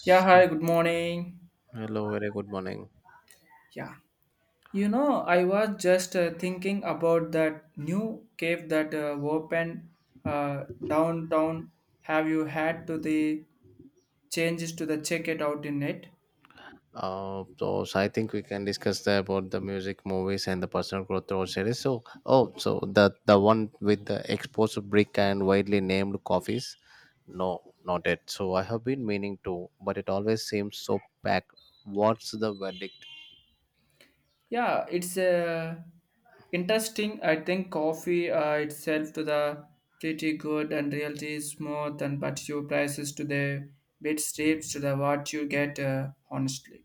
Yeah, hi, good morning. hello, very good morning. Yeah, I was just thinking about that new cave that opened downtown. Have you had to the changes to the check it out in it? So I think we can discuss the, about the music, movies, and the personal growth through series. So the one with the exposed brick and widely named coffees? No, not it. So I have been meaning to, but it always seems so packed. What's the verdict? Yeah, it's interesting. I think coffee itself to the pretty good and realty is smooth and but your prices to the bit steeps to the what you get honestly.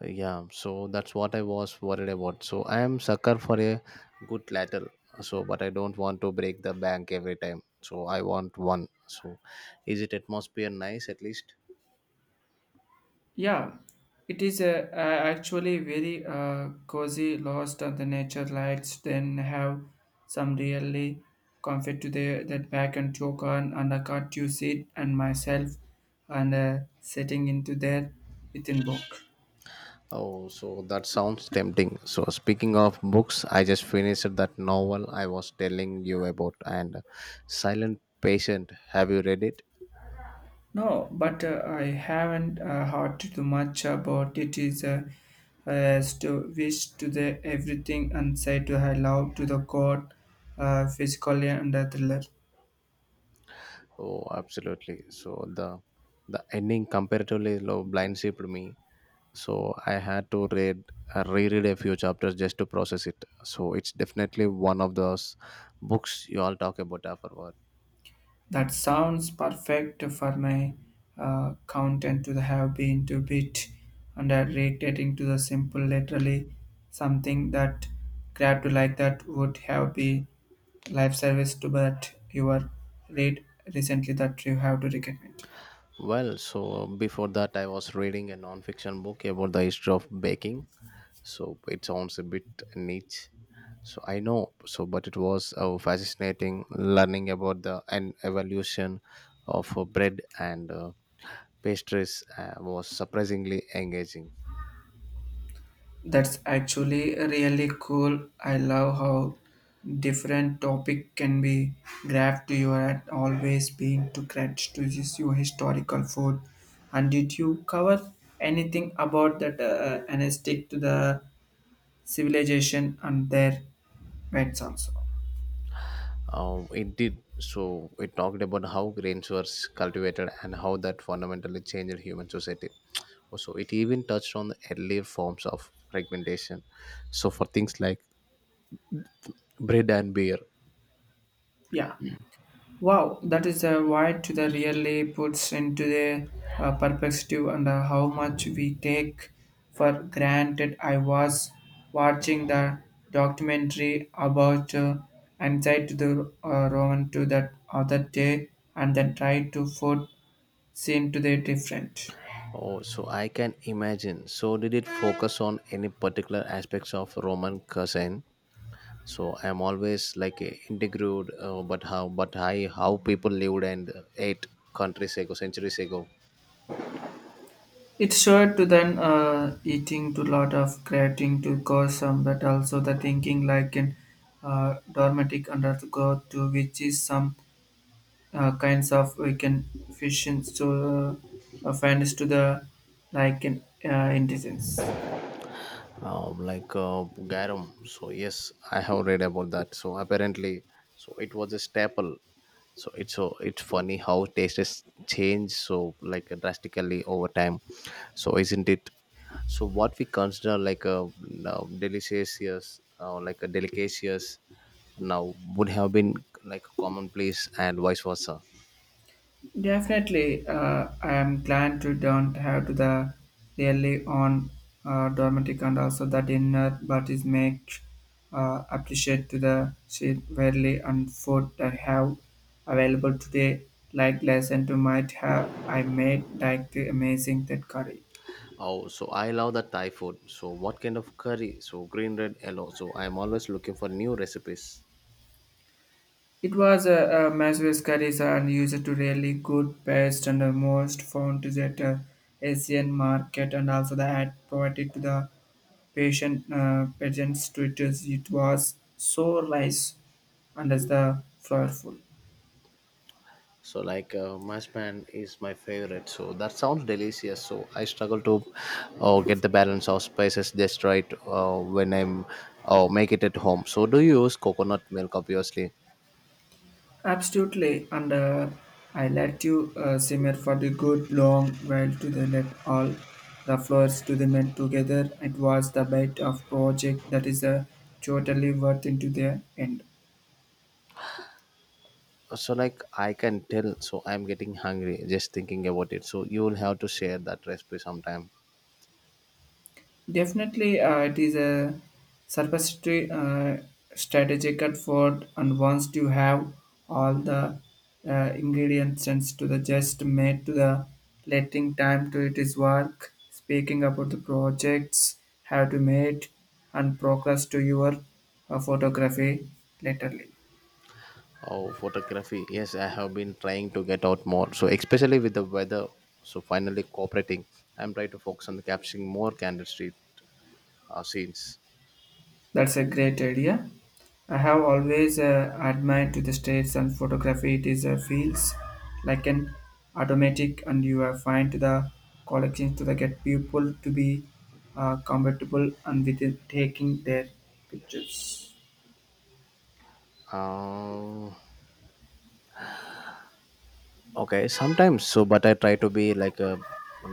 Yeah, so that's what I was worried about. So I am sucker for a good lateral. So, but I don't want to break the bank every time. So I want one. So, is it atmosphere nice at least? Yeah, it is actually very cozy, lost on the nature lights, then have some really comfort to the, that back and choke on and I got you sit and myself and sitting into there within book. Oh, so that sounds tempting. So speaking of books, I just finished that novel I was telling you about and Silent Patient. Have you read it? No, but I haven't heard too much about it. Is as to wish to the everything and say to I love to the God, physically and the thriller. Oh, absolutely. So the ending comparatively low blind shipped me. So I had to read reread a few chapters just to process it. So it's definitely one of those books you all talk about afterward. That sounds perfect for my content to have been to bit underrated to the simple literally something that grab to like that would have be life service to but you are read recently that you have to recommend. Well, so before that I was reading a non-fiction book about the history of baking. So it sounds a bit niche. So I know. So but it was fascinating learning about the and evolution of bread and pastries was surprisingly engaging. That's actually really cool. I love how different topic can be grabbed to you at always being to credit to this your historical food. And did you cover anything about that anesthetic to the civilization and their vets also? It did. So it talked about how grains were cultivated and how that fundamentally changed human society. Also, it even touched on the earlier forms of fragmentation. So for things like bread and beer. Yeah. Wow, that is a wide to the really puts into the perspective and how much we take for granted. I was watching the documentary about anxiety to the Roman to that other day and then tried to food seem to the different. Oh, so I can imagine. So did it focus on any particular aspects of Roman cuisine? So I'm always like a integrated, but how, how people lived and ate countries ago, centuries ago. It's sure to then eating to lot of creating to cause some, but also the thinking like in dormitic undergo to which is some kinds of weekend fishing so fairness to the like in, intelligence. Like garum. So yes, I have read about that. So apparently, so it was a staple. So it's funny how taste has changed so like drastically over time. So isn't it? So what we consider like a delicious, like a delicious now would have been like commonplace and vice versa. Definitely, I am glad to don't have to the really on dramatic and also the dinner, but is make appreciate to the shit rarely and food I have available today. Like lesson to might have I made like the amazing that curry. Oh, so I love the Thai food. So what kind of curry? So green, red, yellow. So I'm always looking for new recipes. It was a Maswell's curries and used to really good best and the most found to that Asian market and also the ad provided to the patient patients to it is it was so rice and as the flowerful. So like mashed pan is my favorite. So that sounds delicious. So I struggle to get the balance of spices just right when I'm make it at home. So do you use coconut milk obviously? Absolutely, and I let you simmer for the good long while to the let all the flowers to the melt together. It was the bite of project that is totally worth into the end. So like I can tell. So I'm getting hungry just thinking about it. So you will have to share that recipe sometime. Definitely, it is a surplusitory strategic effort, and once you have all the uh, ingredients and to the just made to the letting time to it is work. Speaking about the projects, have to made and progress to your photography laterly. Oh, photography. Yes, I have been trying to get out more. So especially with the weather. So finally cooperating. I'm trying to focus on capturing more candid street scenes. That's a great idea. I have always admired to the states and photography. It is feels like an automatic, and you find the collection to the get people to be compatible and with it taking their pictures. Um, Okay, sometimes so, but I try to be like a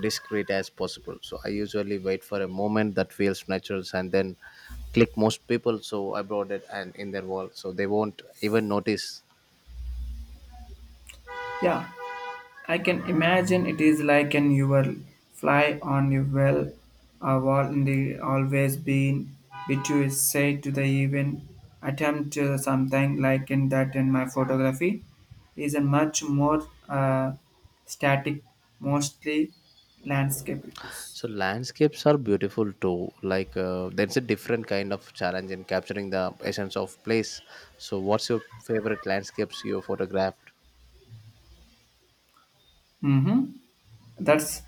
discreet as possible. So I usually wait for a moment that feels natural and then click most people. So I brought it and in their wall, so they won't even notice. Yeah. I can imagine it is like an you will fly on your well a wall in the always been which you is say to the even attempt something like in that in my photography is a much more static mostly landscapes. So landscapes are beautiful too. Like there's a different kind of challenge in capturing the essence of place. So what's your favorite landscapes you photographed? Mm-hmm. That's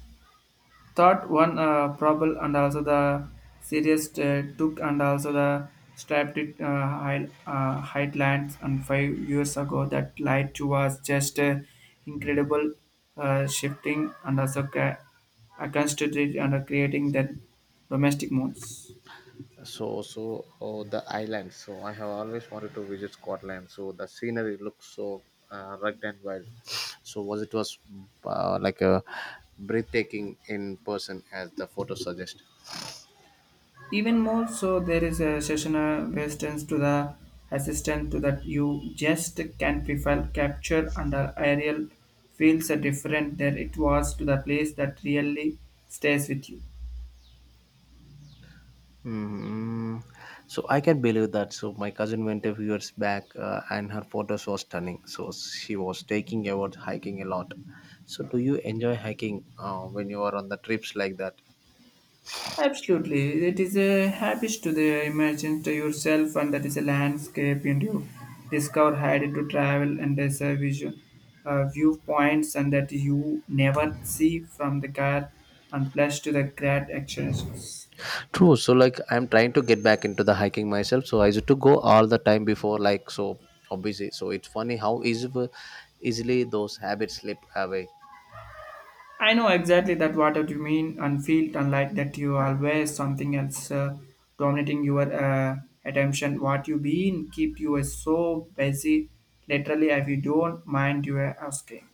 thought one probable and also the serious took and also the strapped it highlands and 5 years ago that light was just incredible shifting and also constituted and creating the domestic modes. So, so oh, the islands. So, I have always wanted to visit Scotland. So, the scenery looks so rugged and wild. So, was it was like a breathtaking in person, as the photos suggest. Even more so, there is a sessional resistance to the assistant to that you just can't prefile capture under aerial feels are different than it was to the place that really stays with you. Hmm. So I can believe that. So my cousin went a few years back, and her photos were stunning. So she was taking about hiking a lot. So do you enjoy hiking when you are on the trips like that? Absolutely, it is a habit to the imagine to yourself, and that is a landscape, and you discover how to travel, and there's a vision, viewpoints, and that you never see from the car, and plus to the great actions. True. So like I'm trying to get back into the hiking myself. So I used to go all the time before like so obviously. So it's funny how easy easily those habits slip away. I know exactly that what you mean and feel unlike that you always something else dominating your attention. What you been keep you is so busy. Literally, if you don't mind, you are asking.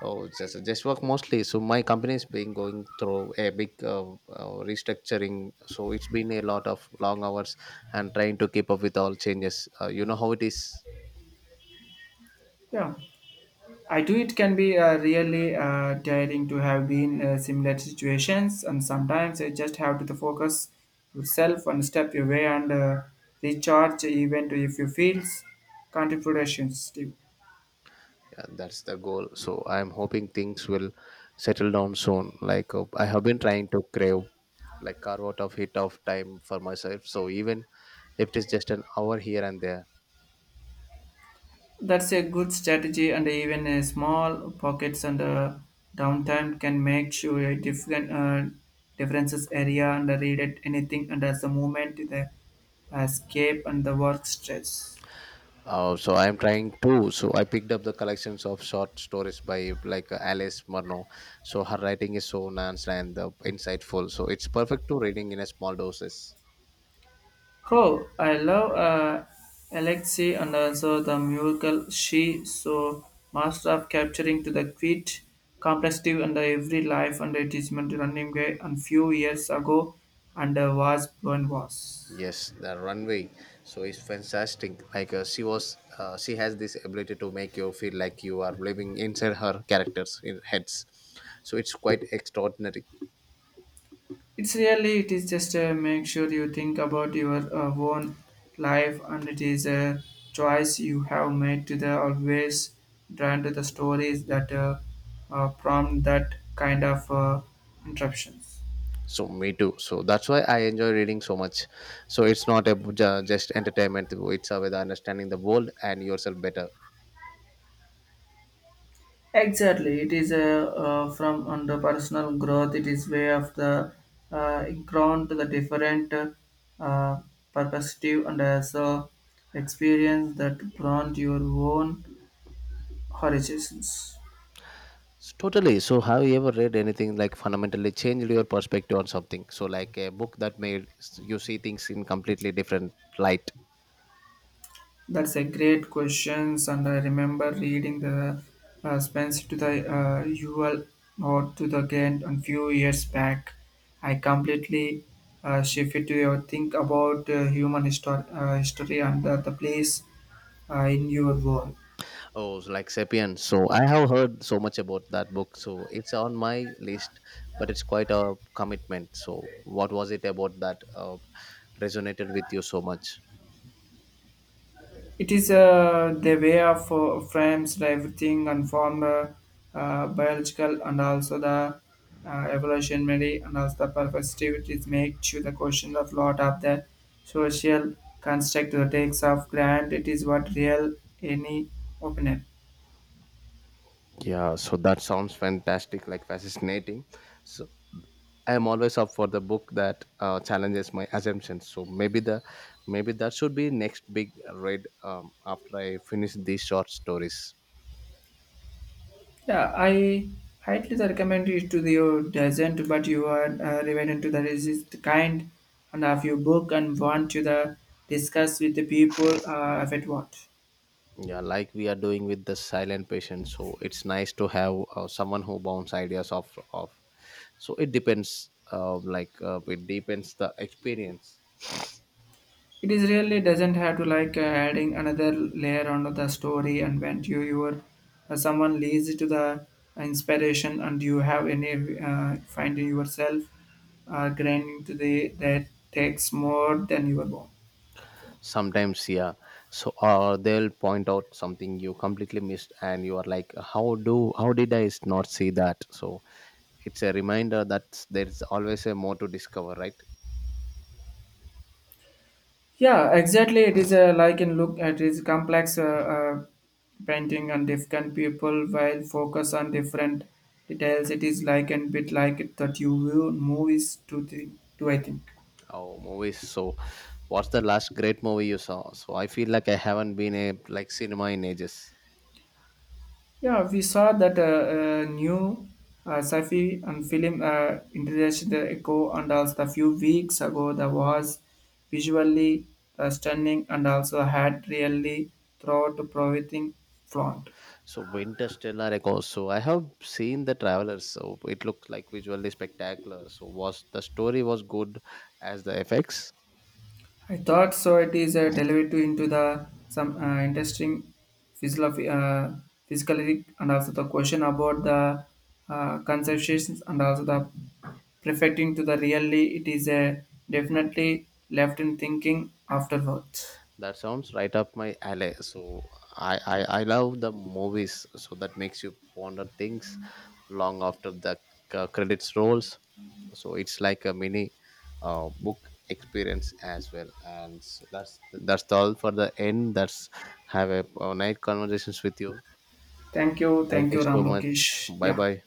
Oh, just work mostly. So my company is being going through a big restructuring. So it's been a lot of long hours and trying to keep up with all changes. You know how it is. Yeah, I do. It can be really tiring to have been similar situations, and sometimes you just have to focus yourself and step away and recharge, even if you feel contributions. Yeah, that's the goal. So I'm hoping things will settle down soon. Like I have been trying to crave. Like carve out of hit of time for myself, so even if it is just an hour here and there. That's a good strategy, and even a small pockets and downtime can make sure a different differences area and read it anything and as the movement the escape and the work stress. So I am trying to, so I picked up the collections of short stories by like Alice Murnau. So her writing is so nuanced and insightful. So it's perfect to reading in a small doses. Cool. I love Alexei and also the musical she so master of capturing to the quit complexity under every life and achievement running away and few years ago and was blown was. Yes, the runway. So it's fantastic. Like she has this ability to make you feel like you are living inside her characters in heads. So it's quite extraordinary. It's really it is just make sure you think about your own life and it is a choice you have made to the always drawn to the stories that prompt that kind of interruptions. So me too. So that's why I enjoy reading so much. So it's not a just entertainment. It's about understanding the world and yourself better. Exactly, it is a from under personal growth. It is way of the ground to the different uh, perspective and also experience that broaden your own horizons. Totally. So have you ever read anything like fundamentally changed your perspective on something? So like a book that made you see things in completely different light. That's a great questions, and I remember reading the Spence to the UL or to the Ghent a few years back. I completely shifted to your think about human histor- history and the place in your world. Oh, so like Sapiens. So I have heard so much about that book. So it's on my list, but it's quite a commitment. So what was it about that resonated with you so much? It is the way of frames the everything and form biological and also the evolutionary and also the perspectives make sure the question of lot of the social construct the takes of grant it is what real any opinion. Yeah, so that sounds fantastic, like fascinating. So I am always up for the book that challenges my assumptions. So maybe that should be next big read after I finish these short stories. Yeah, I highly recommend it to the your doesn't but you are related to the resist kind and of your book and want to the discuss with the people if it what. Yeah, like we are doing with the silent patient. So it's nice to have someone who bounce ideas off. So it depends, it depends the experience. It is really doesn't have to like adding another layer onto the story and when you your someone leads to the inspiration and you have any finding yourself grinding to the that takes more than your own. Sometimes, yeah. So or they'll point out something you completely missed and you are like how did not see that. So it's a reminder that there's always a more to discover, right? Yeah, exactly. It is a like in look at is complex painting and different people while focus on different details. It is like a bit like that you view movies to the to I think. Oh, movies. So what's the last great movie you saw? So I feel like I haven't been a like cinema in ages. Yeah, we saw that new sci-fi and film introduced the echo, and also a few weeks ago, the was visually stunning and also had really throughout providing front. So Interstellar Echoes. So I have seen the travelers. So it looked like visually spectacular. So was the story was good as the effects. I thought so. It is a derivative into the some interesting physical, physicality, and also the question about the conceptions and also the perfecting to the really. It is a definitely left in thinking afterwards. That sounds right up my alley. So I love the movies. So that makes you ponder things long after the credits rolls. So it's like a mini book experience as well. And so that's all for the end. That's have a nice conversations with you. Thank Thank you you, so Ram much. Lokesh. Bye Yeah. bye.